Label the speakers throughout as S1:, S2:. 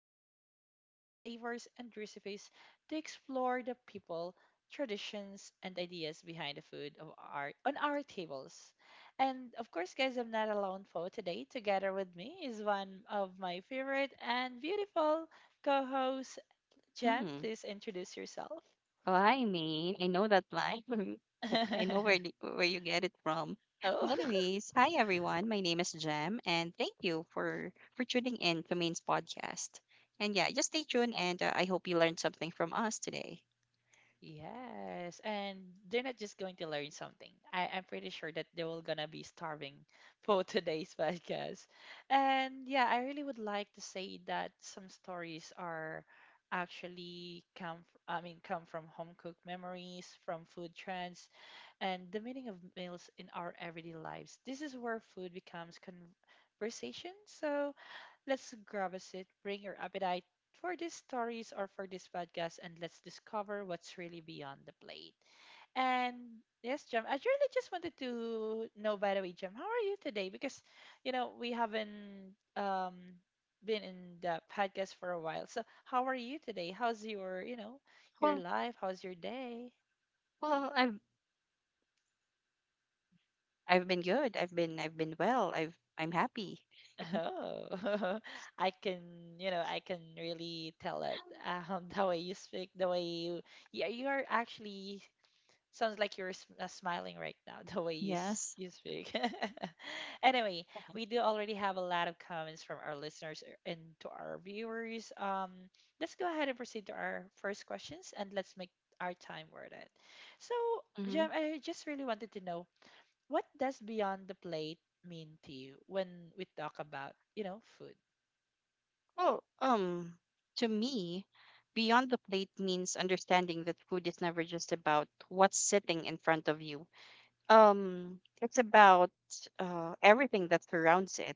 S1: dive deeper than flavors and recipes to explore the people, traditions, and ideas behind the food of on our tables. And of course, guys, I'm not alone for today. Together with me is one of my favorite and beautiful co hosts, Jem.
S2: Hmm.
S1: Please introduce yourself.
S2: Well, I mean, I know that line. I know where where you get it from.
S1: Oh.
S2: Anyways, hi everyone. My name is Jem, and thank you for tuning in to Main's podcast. And yeah, just stay tuned, and I hope you learned something from us today.
S1: Yes, and they're not just going to learn something. I'm pretty sure that they will gonna be starving for today's podcast. And yeah, I really would like to say that some stories are actually come I mean come from home cooked memories, from food trends, and the meaning of meals in our everyday lives. This is where food becomes conversation. So, let's grab a seat, bring your appetite for these stories or for this podcast, and let's discover what's really beyond the plate. And yes, Jem, I really just wanted to know, by the way, Jem, how are you today? Because, you know, we haven't been in the podcast for a while. So, how are you today? How's your
S2: Well,
S1: life? How's your day?
S2: well, I've been good. I've been well. I'm happy.
S1: Oh, I can really tell it. The way you speak, the way you, yeah, you are actually. Sounds like you're smiling right now, the way you
S2: Yes.
S1: you speak. Anyway, we do already have a lot of comments from our listeners and to our viewers. Let's go ahead and proceed to our first questions, and let's make our time worth it. So,
S2: Mm-hmm.
S1: Jem, I just really wanted to know, what does beyond the plate mean to you when we talk about, you know, food?
S2: Well, to me, beyond the plate means understanding that food is never just about what's sitting in front of you. It's about everything that surrounds it,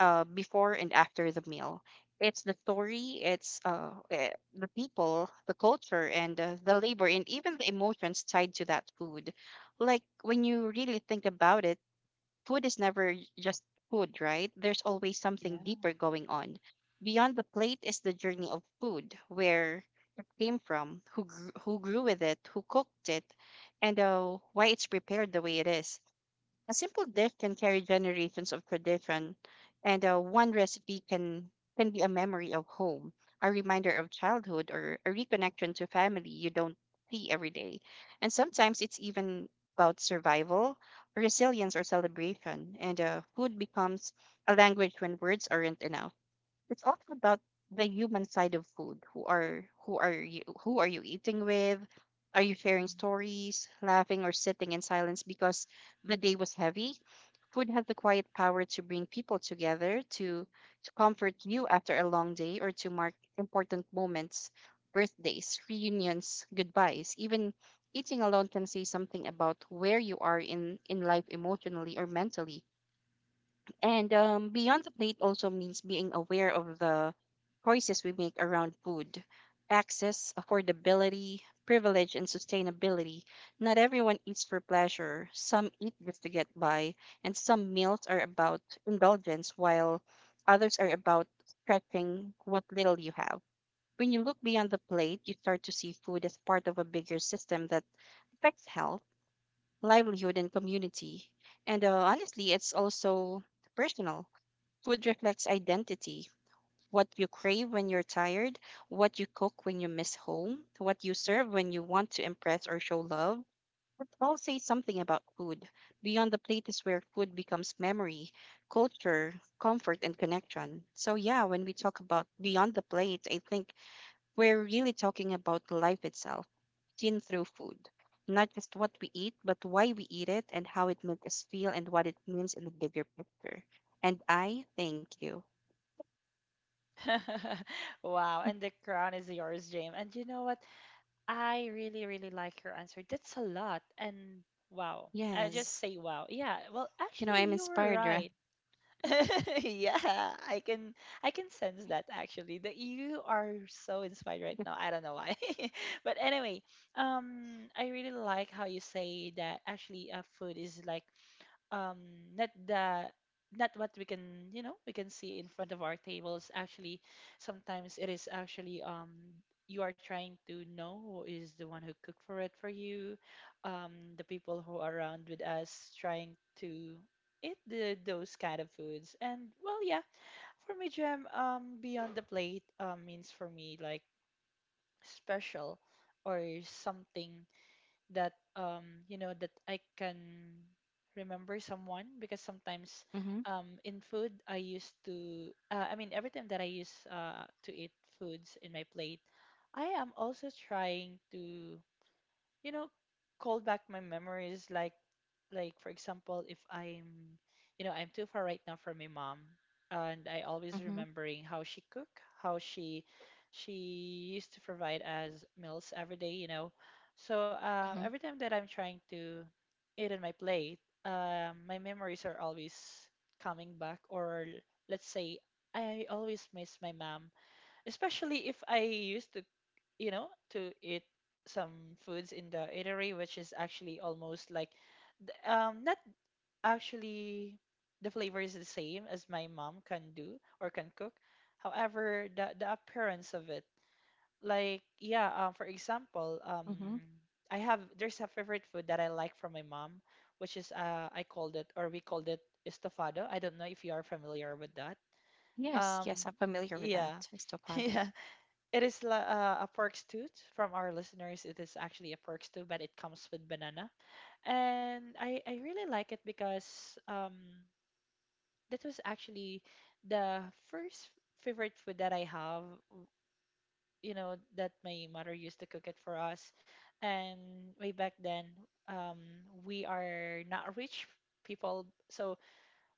S2: before and after the meal. It's the story, the people, the culture, and the labor, and even the emotions tied to that food. Like when you really think about it. Food is never just food, right? There's always something deeper
S1: Yeah.
S2: going on. Beyond the plate is the journey of food, where it came from, who grew with it, who cooked it, and why it's prepared the way it is. A simple dish can carry generations of tradition, and one recipe can be a memory of home, a reminder of childhood, or a reconnection to family you don't see every day. And sometimes it's even about survival, resilience, or celebration. And food becomes a language when words aren't enough. It's also about the human side of food. Who are you eating with? Are you sharing
S1: Mhm.
S2: stories, laughing, or sitting in silence because the day was heavy? Food has the quiet power to bring people together, to comfort you after a long day, or to mark important moments: birthdays, reunions, goodbyes. Even eating alone can say something about where you are in life emotionally or mentally. And beyond the plate also means being aware of the choices we make around food: access, affordability, privilege, and sustainability. Not everyone eats for pleasure. Some eat just to get by, and some meals are about indulgence, while others are about stretching what little you have. When you look beyond the plate, you start to see food as part of a bigger system that affects health, livelihood, and community. And honestly, it's also personal. Food reflects identity: what you crave when you're tired, what you cook when you miss home, what you serve when you want to impress or show love. It all say something about food. Beyond the plate is where food becomes memory, culture, comfort, and connection. So, yeah, when we talk about beyond the plate, I think we're really talking about life itself, seen through food. Not just what we eat, but why we eat it and how it makes us feel and what it means in the bigger picture. And I thank you.
S1: Wow, and the crown is yours, James. And you know what? I really, really like your answer. That's a lot. And wow. I just
S2: Yes.
S1: say wow. Yeah. Well,
S2: You know,
S1: actually,
S2: I'm
S1: you were
S2: inspired, right?
S1: right. Yeah, I can I can sense that actually that you are so inspired right now. I don't know why. But anyway, I really like how you say that actually food is like um not the not what we can see in front of our tables. Actually, sometimes it is actually, you are trying to know who is the one who cooked for you, the people who are around with us trying to eat those kind of foods. And well, yeah, for me, gem beyond the plate means for me like special or something that that I can remember someone. Because sometimes,
S2: Mm-hmm.
S1: in food I used to, I mean every time that I use to eat foods in my plate, I am also trying to, you know call back my memories. Like, for example, if I'm, I'm too far right now from my mom, and I always
S2: Mm-hmm.
S1: remembering how she used to provide us meals every day, you know. So,
S2: Mm-hmm.
S1: every time that I'm trying to eat on my plate, my memories are always coming back. Or let's say, I always miss my mom, especially if I used to, to eat some foods in the eatery, which is actually almost like, not actually. The flavor is the same as my mom can do or can cook. However, the appearance of it, like, yeah, for example,
S2: Mm-hmm.
S1: I have there's a favorite food that I like from my mom, which is, I called it, or we called it, estofado. I don't know if you are familiar with that.
S2: Yes. Yes,
S1: Um,
S2: I'm familiar with that.
S1: yeah,
S2: Estopado.
S1: yeah. It is a pork stew. From our listeners, it is actually a pork stew, but it comes with banana, and I really like it because, that was actually the first favorite food that I have. You know that my mother used to cook it for us, and way back then, we are not rich people, so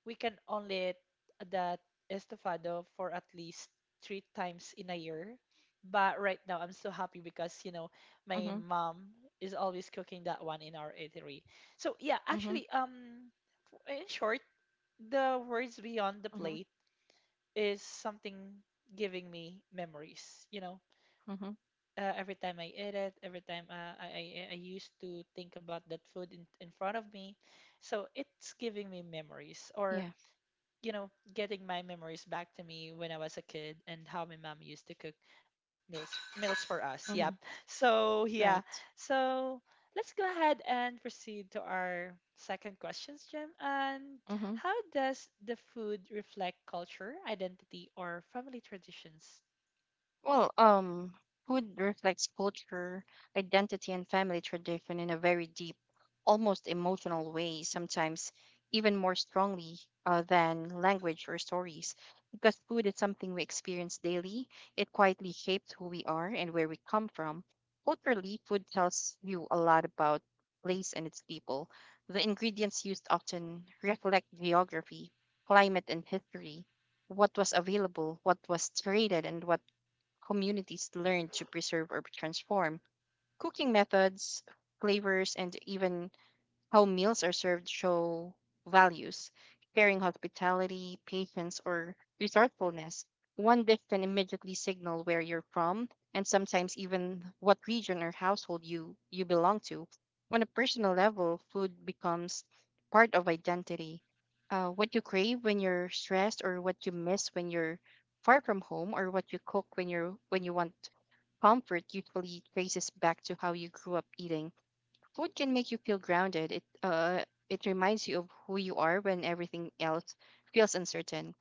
S1: we can only eat that estofado for at least three times in a year. But right now, I'm so happy because, you know, my
S2: Mm-hmm.
S1: mom is always cooking that one in our eatery. So, yeah,
S2: Mm-hmm.
S1: actually, in short, the words beyond the
S2: Mm-hmm.
S1: plate is something giving me memories, you know.
S2: Mm-hmm.
S1: Every time I eat it, every time, I used to think about that food in front of me, so it's giving me memories, or,
S2: Yeah.
S1: you know, getting my memories back to me when I was a kid, and how my mom used to cook meals meals for us. Yep.
S2: Mm-hmm.
S1: So, yeah.
S2: Right.
S1: So let's go ahead and proceed to our second questions, Jim. And
S2: Mm-hmm.
S1: how does the food reflect culture, identity, or family traditions?
S2: Well, food reflects culture, identity, and family tradition in a very deep, almost emotional way, sometimes even more strongly than language or stories. Because food is something we experience daily, it quietly shapes who we are and where we come from. Culturally, food tells you a lot about place and its people. The ingredients used often reflect geography, climate, and history. What was available, what was traded, and what communities learned to preserve or transform cooking methods, flavors, and even how meals are served show values, caring hospitality, patience, or resourcefulness. One dish can immediately signal where you're from, and sometimes even what region or household you belong to. On a personal level, food
S1: Mhm.
S2: becomes part of identity. What you crave when you're stressed, or what you miss when you're far from home, or what you cook when you want comfort usually traces back to how you grew up eating. Food can make you feel grounded. It reminds you of who you are when everything else feels uncertain.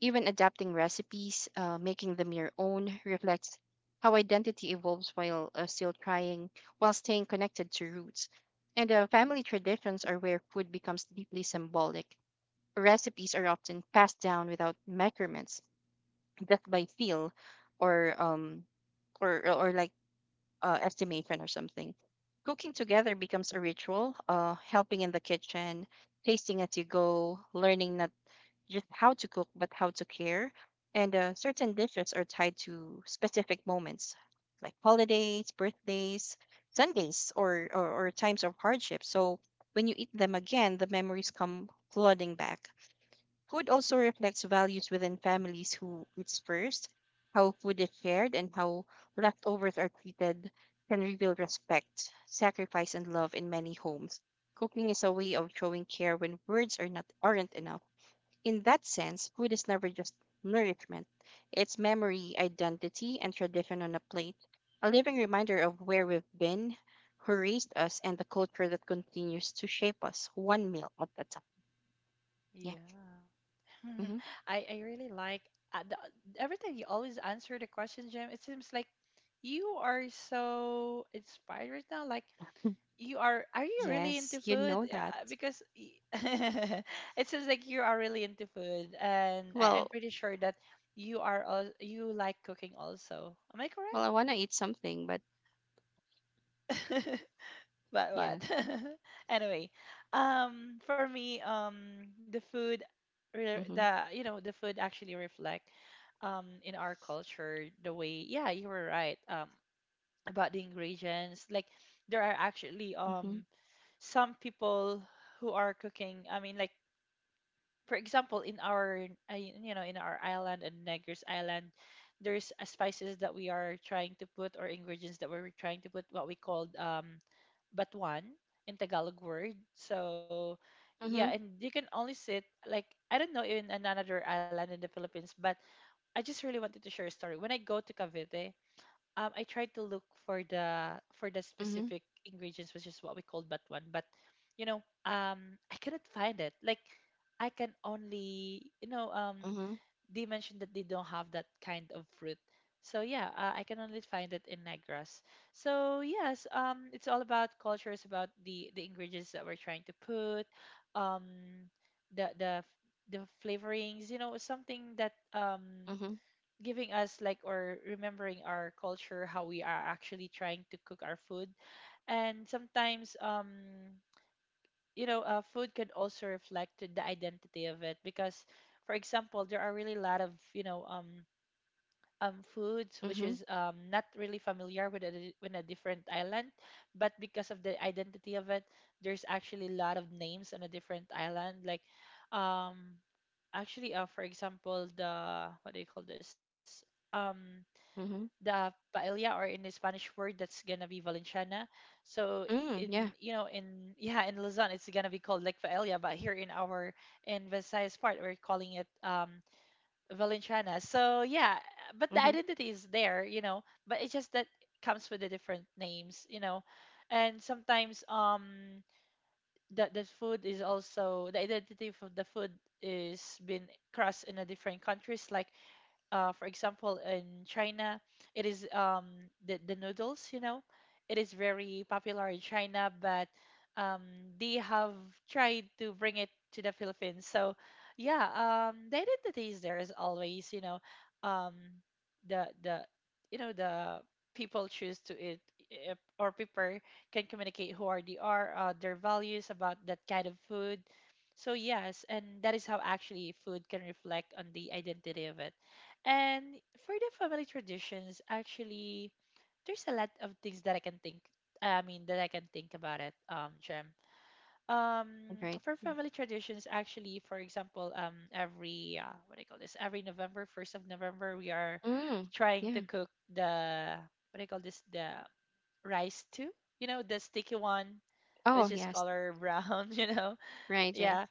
S2: Even adapting recipes, making them your own, reflects how identity evolves while staying connected to roots. And family traditions are where food becomes deeply symbolic. Recipes are often passed down without measurements, just by feel, or um, or estimation or something. Cooking together becomes a ritual: helping in the kitchen, tasting as you go, learning not just how to cook, but how to care. And certain dishes are tied to specific moments like holidays, birthdays, Sundays, or times of hardship. So when you eat them again, the memories come flooding back. Food also reflects values within families: who eats first, how food is shared, and how leftovers are treated can reveal respect, sacrifice, and love in many homes. Cooking is a way of showing care when words aren't enough. In that sense, food is never just nourishment. It's memory, identity, and tradition on a plate, a living reminder of where we've been, who raised us, and the culture that continues to shape us one meal at a time. Yeah.
S1: Yeah.
S2: Hmm.
S1: I really like, uh, the, every time you always answer the question, Jim. It seems like you are so inspired right now. Like, you are you really into
S2: Yes, you
S1: food?
S2: know that.
S1: Yeah, because it seems like you are really into food, and I'm
S2: Well,
S1: pretty sure that you are all, you like cooking also, am I
S2: well,
S1: correct?
S2: I want to eat something, but
S1: But what?
S2: yeah.
S1: Anyway, for me, the food, re-
S2: Mhm.
S1: the you know the food actually reflect, in our culture, the way, yeah, you were right, about the ingredients. Like, there are actually,
S2: Mhm.
S1: some people who are cooking, I mean, like for example, in our island, and Negros island, there's, spices that we are trying to put, or ingredients that we're trying to put, what we called, batuan, in Tagalog word. So yeah,
S2: Mhm.
S1: and you can only sit, like, I don't know, in another island in the Philippines, but I just really wanted to share a story. When I go to Cavite, I tried to look for the,
S2: Mhm.
S1: specific ingredients, which is what we called batuan, but I couldn't find it. Like, I can only,
S2: Mhm.
S1: they mentioned that they don't have that kind of fruit. So yeah, I can only find it in Negros. So yes, it's all about culture. It's about the ingredients that we're trying to put, um, the, flavorings. You know, something that,
S2: Mhm.
S1: giving us like, or remembering our culture, how we are actually trying to cook our food. And sometimes, food can also reflect to the identity of it. Because, for example, there are really a lot of, foods which
S2: Mhm.
S1: is, not really familiar with a different island, but because of the identity of it, there's actually a lot of names on a different island. Like, um, actually, for example, the what do you call this? Um,
S2: Mhm.
S1: the paella, or in the Spanish word that's gonna be valenciana. So, in
S2: Mm,
S1: you know
S2: yeah.
S1: in yeah, in Luzon it's gonna be called like paella, but here in our, in Visayas part, we're calling it, valenciana. So yeah, but the
S2: Mhm.
S1: identity is there, you know, but it's just that it comes with the different names, you know. And sometimes, the food is also, the identity of the food is been crossed in a different countries. Like, for example, in China, it is, the noodles. You know, it is very popular in China, but, um, they have tried to bring it to the Philippines. So, yeah, the identity is there as always. You know, um, the the the people choose to eat, eh, or people can communicate who are they are, their values about that kind of food. So yes, and that is how actually food can reflect on the identity of it. And for the family traditions, actually, there's a lot of things that I can think. I mean, that I can think about it, Jem. Um,
S2: Right.
S1: for family traditions, actually, for example, every, what do you call this? Every November, first of November, we are
S2: Mm,
S1: trying
S2: yeah.
S1: to cook the, what do you call this? The rice too, you know, the sticky one,
S2: Oh,
S1: which is
S2: yes.
S1: color brown. You know,
S2: Right, right.
S1: yeah,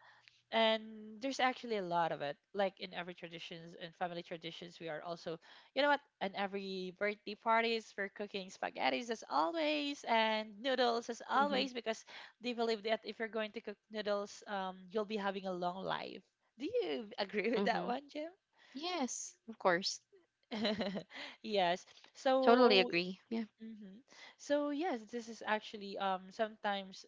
S1: and there's actually a lot of it. Like, in every traditions and family traditions, we are also, you know what, and every birthday parties, we're cooking spaghettis as always, and noodles as
S2: Mhm.
S1: always, because they believe that if you're going to cook noodles, you'll be having a long life. Do you agree with that
S2: Mhm.
S1: one, jim
S2: Yes, of course.
S1: Yes.
S2: Totally
S1: So,
S2: agree. Yeah.
S1: mhm. So yes, this is actually sometimes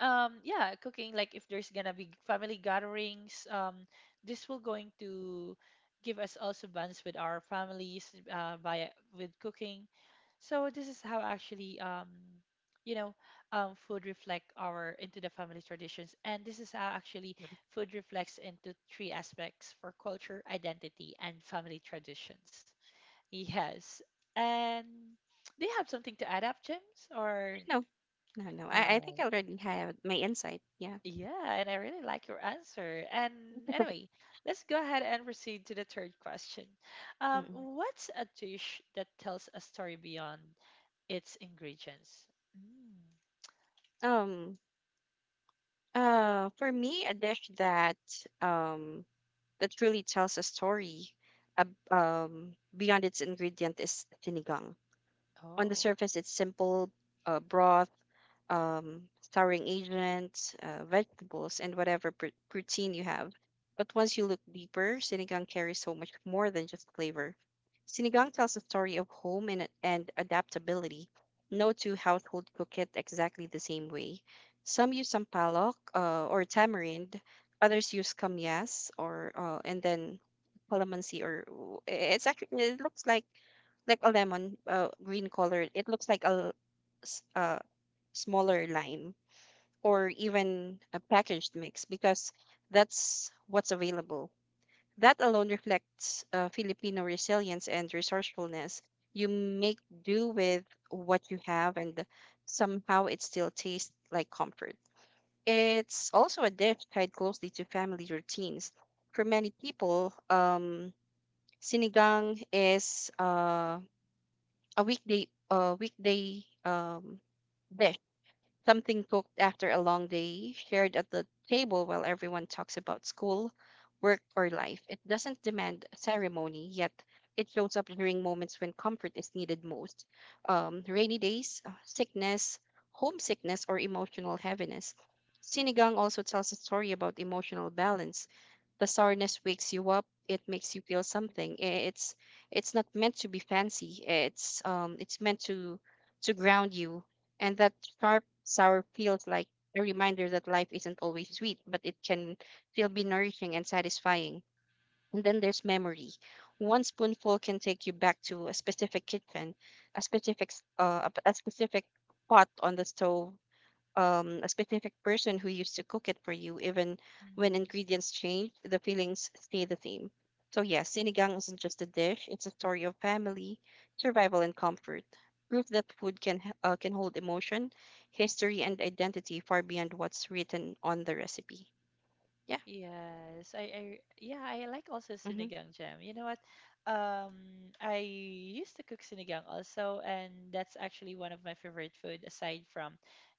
S1: yeah, cooking, like if there's gonna be family gatherings, this will going to give us also bonds with our families via with cooking. So this is how actually, you know food reflect our into the family traditions. And this is how actually food reflects into three aspects for culture identity and family traditions. Yes. And do you have something to add up, james, or
S2: No. No, no.
S1: all
S2: I think I
S1: right.
S2: already have my insight. Yeah.
S1: Yeah, and I really like your answer. And anyway, let's go ahead and proceed to the third question.
S2: Mm-mm.
S1: What's a dish that tells a story beyond its ingredients? Mm.
S2: Um, for me, a dish um that really tells a story beyond its ingredient is sinigang. On the
S1: Oh,
S2: surface, it's simple broth, um, souring agents, vegetables, and whatever protein you have. But once you look deeper, sinigang carries so much more than just flavor. Sinigang tells a story of home and, adaptability. No two households cook it exactly the same way. Some use sampalok or tamarind, others use kamyas, or and then calamansi, or it's actually, it looks like a lemon, green color. It looks like a smaller line, or even a packaged mix, because that's what's available. That alone reflects Filipino resilience and resourcefulness. You make do with what you have, and somehow it still tastes like comfort. It's also a dish tied closely to family routines. For many people, sinigang is a weekday dish, something cooked after a long day, shared at the table while everyone talks about school, work, or life. It doesn't demand ceremony, yet it shows up during moments when comfort is needed most: rainy days, sickness, homesickness, or emotional heaviness. Sinigang also tells a story about emotional balance. The sourness wakes you up. It makes you feel something. It's not meant to be fancy. It's meant to ground you. And that sharp sour feels like a reminder that life isn't always sweet, but it can still be nourishing and satisfying. And then there's memory. One spoonful can take you back to a specific kitchen, a specific pot on the stove, a specific person who used to cook it for you. Even when
S1: mhm.
S2: ingredients change, the feelings stay the same. So, yes, sinigang isn't just a dish, it's a story of family, survival, and comfort. Proof that food can hold emotion, history, and identity far beyond what's written on the recipe. Yeah.
S1: Yes. Yeah, I like also
S2: Mm-hmm.
S1: sinigang jam. You know what? Um, I used to cook sinigang also, and that's actually one of my favorite food aside from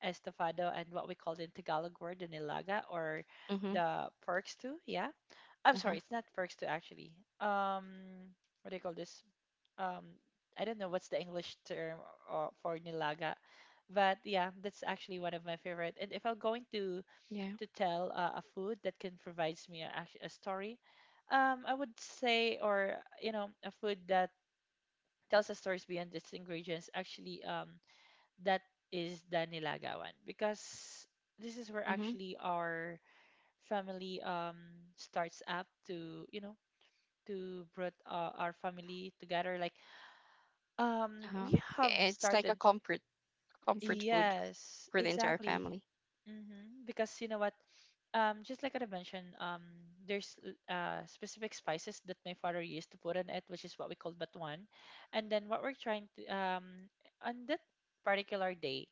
S1: estofado and what we call in Tagalog word, the nilaga or
S2: Mm-hmm.
S1: the pork stew. Yeah, I'm
S2: Uh-huh.
S1: sorry, it's not Verksta actually. Um, what do you call this? Um, I don't know what's the English term for nilaga, but yeah, that's actually one of my favorite. And if I'm going
S2: Yeah.
S1: to tell a food that can provides me a, a story, I would say, or you know, a food that tells us stories beyond its ingredients. Actually, that is the nilaga one because this is where
S2: Mm-hmm.
S1: actually our family starts up to, you know, to brought our family together. Like,
S2: Uh-huh.
S1: we have
S2: It's like a
S1: started.
S2: comfort food
S1: Yes,
S2: for the entire
S1: exactly.
S2: family.
S1: Mm-hmm. Because you know what? Just like I mentioned, there's specific spices that my father used to put on it, which is what we call batuan. And then what we're trying to on that particular day,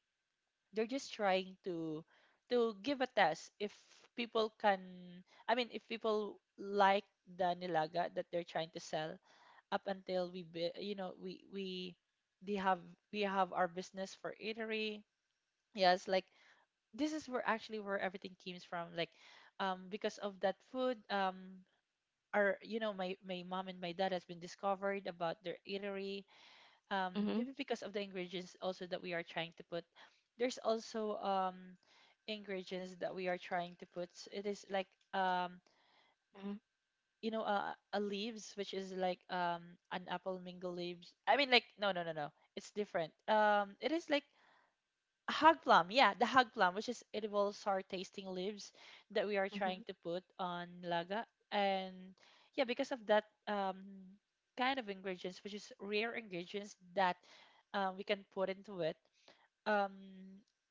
S1: they're just trying to give a test if people can. I mean, if people like the nilaga that they're trying to sell, up until we you know, we they have, we have our business for eatery. Yes, like this is where actually where everything comes from. Like, because of that food, our, you know, my mom and my dad has been discovered about their eatery. Um,
S2: Mm-hmm.
S1: maybe because of the ingredients also that we are trying to put. There's also ingredients that we are trying to put. It is like, um
S2: Mm-hmm.
S1: you know, a leaves which is like, an apple mingle leaves. I mean, like, no, no, no, no, it's different. Um, it is like a hog plum. Yeah, the hog plum, which is edible sour tasting leaves that we are trying
S2: Mm-hmm.
S1: to put on laga. And yeah, because of that, kind of ingredients, which is rare ingredients, that we can put into it. Um,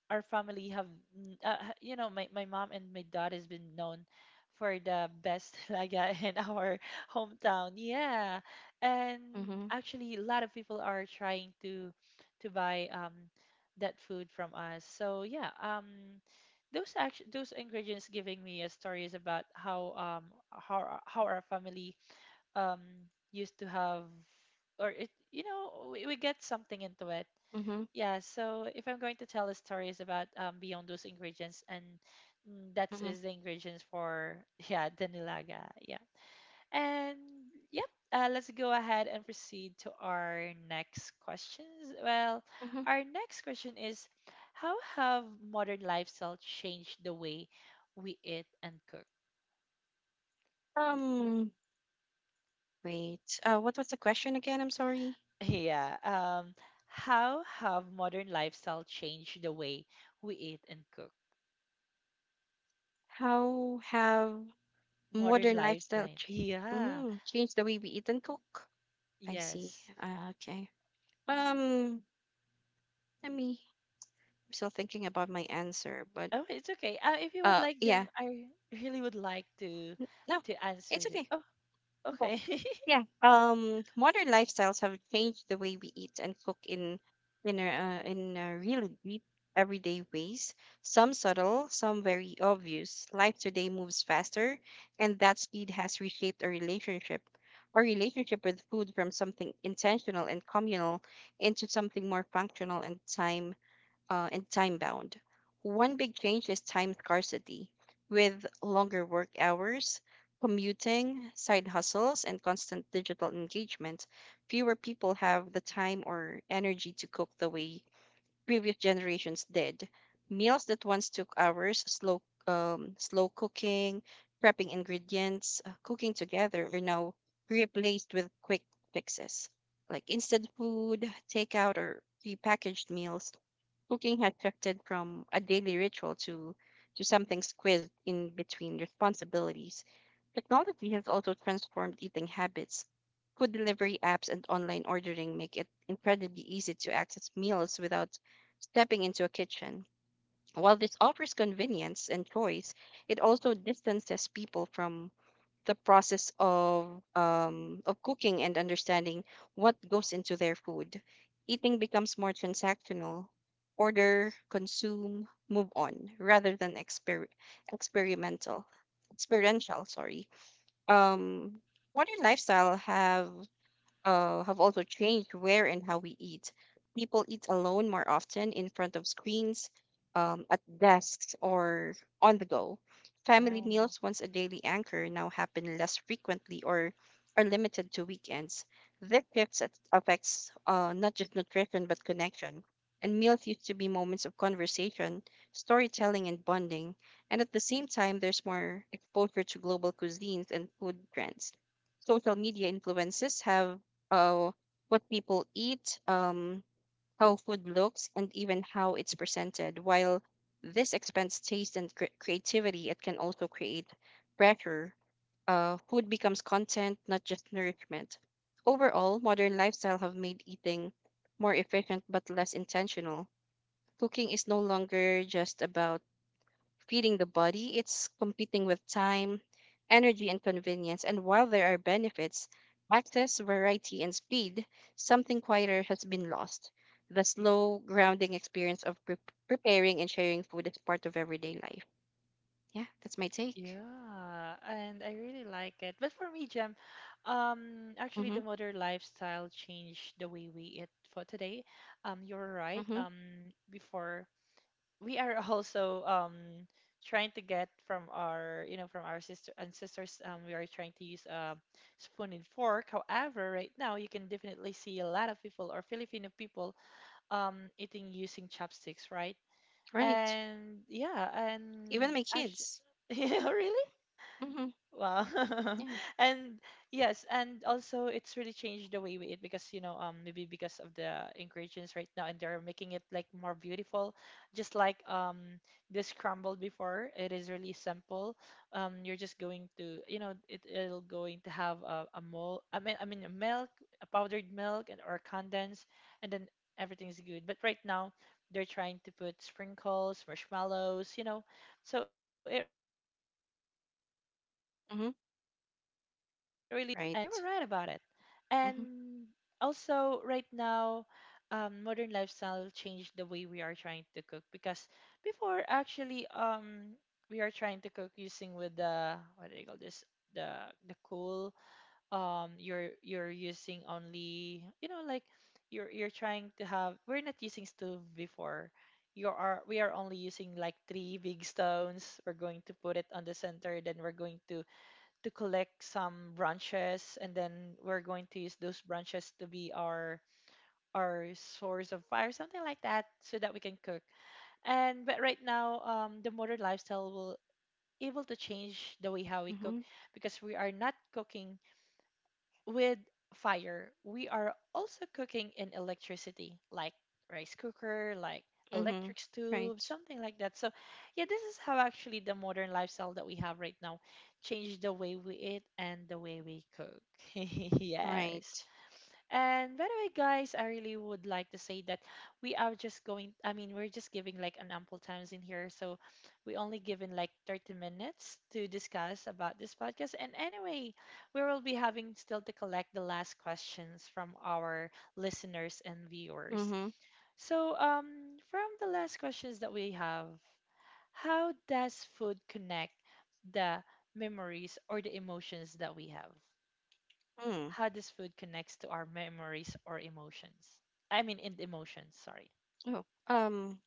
S1: our family have you know, my mom and my dad has been known for the best talaga in our hometown. Yeah. And
S2: Mm-hmm.
S1: actually, a lot of people are trying to buy that food from us. So yeah, those ingredients giving me a stories about how, how our— how our family um used to have, or it, you know, we get something into it.
S2: Mm-hmm.
S1: Yeah, so if I'm going to tell a stories about, beyond those ingredients, and mm, that's is the ingredients for yeah, the nilaga, yeah, and yep. Let's go ahead and proceed to our next questions. Well,
S2: Mm-hmm.
S1: our next question is, how have modern lifestyle changed the way we eat and cook?
S2: Um, Wait, what was the question again? I'm sorry.
S1: Yeah, how have modern lifestyle changed the way we eat and cook?
S2: How have
S1: Modern
S2: modern lifestyle
S1: lifestyle, yeah,
S2: changed the way we eat and cook? I see.
S1: yes.
S2: Okay. Um, let me. I'm still thinking about my answer, but
S1: Oh, it's okay. If you would like,
S2: yeah,
S1: Jem, I really would like
S2: no,
S1: to
S2: it's
S1: answer the.
S2: okay.
S1: Oh,
S2: Well,
S1: okay.
S2: yeah. Modern lifestyles have changed the way we eat and cook in a really deep, everyday ways. Some subtle, some very obvious. Life today moves faster, and that speed has reshaped our relationship. Our relationship with food, from something intentional and communal into something more functional and time bound. One big change is time scarcity, with longer work hours, commuting, side hustles, and constant digital engagement. Fewer people have the time or energy to cook the way previous generations did. Meals that once took hours, slow cooking, prepping ingredients, cooking together, are now replaced with quick fixes like instant food, takeout, or prepackaged meals. Cooking had shifted from a daily ritual to something squeezed in between responsibilities. Technology has also transformed eating habits. Food delivery apps and online ordering make it incredibly easy to access meals without stepping into a kitchen. While this offers convenience and choice, it also distances people from the process of cooking and understanding what goes into their food. Eating becomes more transactional. Order, consume, move on, rather than experimental, experiential. Sorry. Um, Modern lifestyle have also changed where and how we eat. People eat alone more often in front of screens, at desks, or on the go.
S1: Yeah,
S2: Family meals, once a daily anchor, now happen less frequently or are limited to weekends. This shift affects not just nutrition but connection. And meals used to be moments of conversation, storytelling, and bonding. And at the same time, there's more exposure to global cuisines and food trends social media influences have uh, what people eat, how food looks, and even how it's presented. While this expands taste and creativity, it can also create pressure. Food becomes content, not just nourishment. Overall, modern lifestyle have made eating more efficient but less intentional. Cooking is no longer just about feeding the body, it's competing with time, energy, and convenience. And while there are benefits, access, variety, and speed, something quieter has been lost. The slow, grounding experience of preparing and sharing food is part of everyday life. Yeah, that's my take.
S1: yeah, and I really like it. But for me, Jem, actually,
S2: Mm-hmm.
S1: the modern lifestyle changed the way we eat for today. You're right.
S2: Mm-hmm.
S1: Before, we are also trying to get from our, you know, from our sister ancestors. We are trying to use a spoon and fork. However, right now you can definitely see a lot of people or Filipino people eating using chopsticks, right?
S2: Right.
S1: And yeah, and
S2: Even my
S1: actually,
S2: kids.
S1: yeah, really?
S2: Mm-hmm.
S1: Wow.
S2: Yeah.
S1: And yes, and also it's really changed the way we eat because, you know, maybe because of the ingredients right now, and they're making it like more beautiful. Just like, the scrambled before, it is really simple. You're just going to, you know, it'll going to have a mold, I mean a milk, a powdered milk and or condensed, and then everything's good. But right now they're trying to put sprinkles, marshmallows, you know. So it really they're making
S2: Mm-hmm.
S1: experiments on it, and you were right
S2: Right.
S1: about it.
S2: Mm-hmm.
S1: And also right now, modern lifestyle changed the way we are trying to cook because before actually, we are trying to cook using with the, what do you call this, the the coal. You're using only, you know, like, you're trying to have, we're not using stove before. You are we are only using like three big stones. We're going to put it on the center, then we're going to collect some branches, and then we're going to use those branches to be our source of fire, something like that, so that we can cook. And but right now, the modern lifestyle will able to change the way how we cook
S2: Mm-hmm.
S1: because we are not cooking with fire, we are also cooking in electricity, like rice cooker, like
S2: Mm-hmm.
S1: electric stove,
S2: Right.
S1: something like that. So yeah, this is how actually the modern lifestyle that we have right now changed the way we eat and the way we cook. Yes.
S2: Right.
S1: And by the way, guys, I really would like to say that we are just going, I mean, we're just giving like an ample times in here. So we only given like 30 minutes to discuss about this podcast. And anyway, we will be having still to collect the last questions from our listeners and viewers.
S2: Mm-hmm.
S1: So from the last questions that we have, how does food connect the memories or the emotions that we have?
S2: Mm.
S1: How this food connects to our memories or emotions. I mean, in emotions, sorry.
S2: Oh.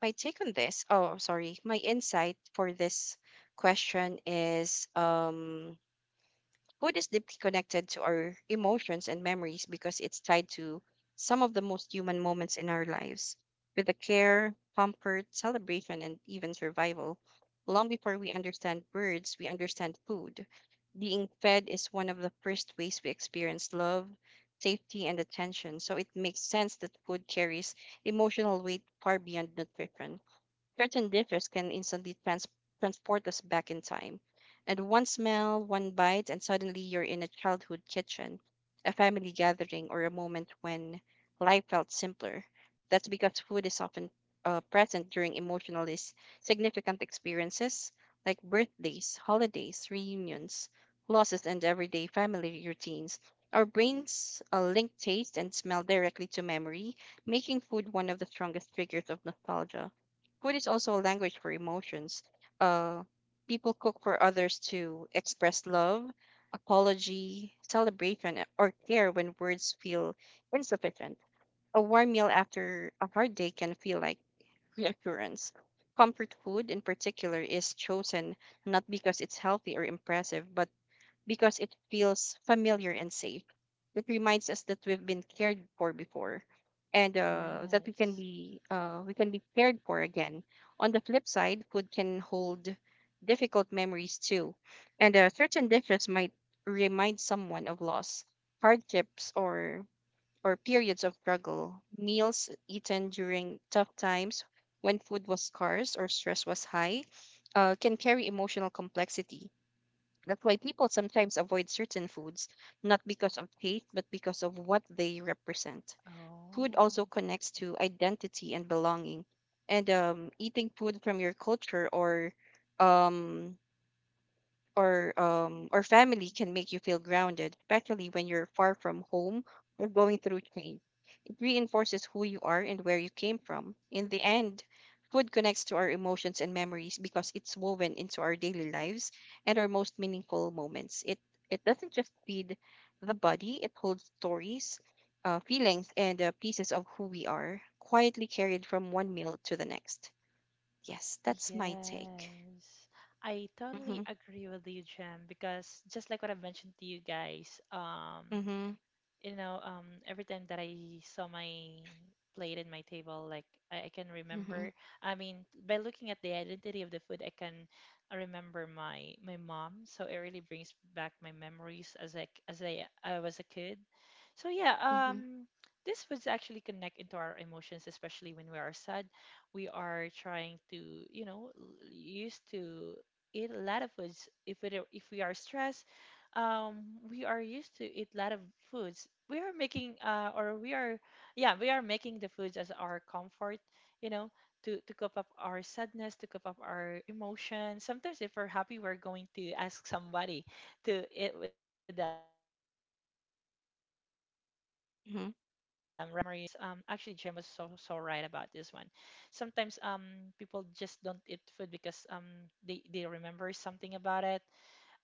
S2: My take on this, oh, sorry, my insight for this question is food is deeply connected to our emotions and memories because it's tied to some of the most human moments in our lives, with the care, comfort, celebration, and even survival. Long before we understand words, we understand food. Being fed is one of the first ways we experience love, safety, and attention. So it makes sense that food carries emotional weight far beyond nutrition. Certain dishes can instantly transport us back in time. And one smell, one bite, and suddenly you're in a childhood kitchen, a family gathering, or a moment when life felt simpler. That's because food is often present during emotionally significant experiences like birthdays, holidays, reunions, losses, and everyday family routines. Our brains link taste and smell directly to memory, making food one of the strongest triggers of nostalgia. Food is also a language for emotions. Uh, People cook for others to express love, apology, celebration, or care when words feel insufficient. A warm meal after a hard day can feel like reassurance. Comfort food, in particular, is chosen not because it's healthy or impressive, but because it feels familiar and safe. It reminds us that we've been cared for before, and that
S1: Yes.
S2: we can be cared for again. On the flip side, food can hold difficult memories too, and certain dishes might remind someone of loss, hardships, or periods of struggle. Meals eaten during tough times, when food was scarce or stress was high, can carry emotional complexity that's why people sometimes avoid certain foods, not because of taste, but because of what they represent. Food
S1: Oh,
S2: also connects to identity and belonging. And eating food from your culture um, or family can make you feel grounded, especially when you're far from home or going through change reinforces who you are and where you came from. In the end, food connects to our emotions and memories because it's woven into our daily lives and our most meaningful moments. It doesn't just feed the body; it holds stories, feelings, and pieces of who we are, quietly carried from one meal to the next. Yes, that's my take.
S1: yes. I totally
S2: Mhm,
S1: agree with you, Jem, because just like what I mentioned to you guys,
S2: mhm,
S1: you know, every time that I saw my plate and my table, like I can
S2: mhm,
S1: remember. I mean, by looking at the identity of the food, I can remember my mom. So it really brings back my memories as like as I was a kid. So yeah,
S2: mhm,
S1: these foods actually connect into our emotions, especially when we are sad. We are trying to, you know, used to eat a lot of foods if we are stressed. Um, we are used to eat a lot of foods. We are making, or we are, yeah, we are making the foods as our comfort, you know, to cope up our sadness, to cope up our emotions. Sometimes, if we're happy, we're going to ask somebody to eat with them, right? So yeah, and also, bringing
S2: mhm,
S1: back the memories. Actually, Jem was so so right about this one. Sometimes, people just don't eat food because, they remember something about it,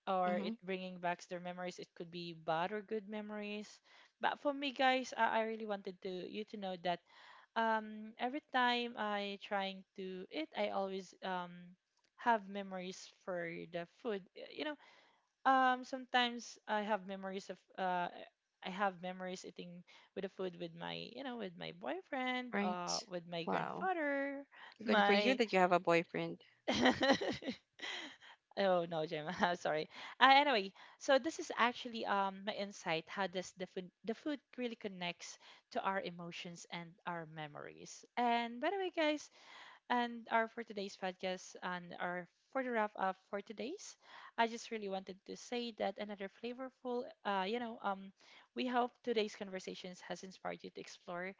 S1: or it
S2: mhm.
S1: bringing back their memories. It could be bad or good memories. But for me, guys, I really wanted to you to know that every time I trying to eat, I always have memories for the food. You know, sometimes I have memories of. I have memories eating with the food with my, you know, with my boyfriend,
S2: Right.
S1: with my
S2: Wow.
S1: grandfather,
S2: Good for you
S1: my
S2: that you have a boyfriend.
S1: Oh no, Jim. I'm sorry. Anyway, so this is actually my insight. How does the food really connects to our emotions and our memories? And by the way, guys, and our for today's podcast and our for the wrap up for today's. I just really wanted to say that another flavorful, you know, we hope today's conversations has inspired you to explore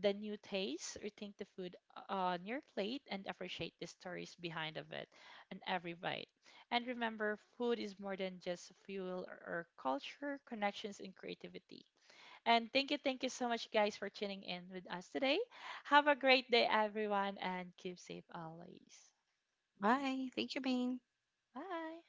S1: the new tastes, rethink the food on your plate, and appreciate the stories behind of it and every bite. And remember, food is more than just fuel or culture, connections, and creativity. And thank you so much, guys, for tuning in with us today. Have a great day, everyone, and keep safe always.
S2: Bye. Thank you, Maine.
S1: Bye.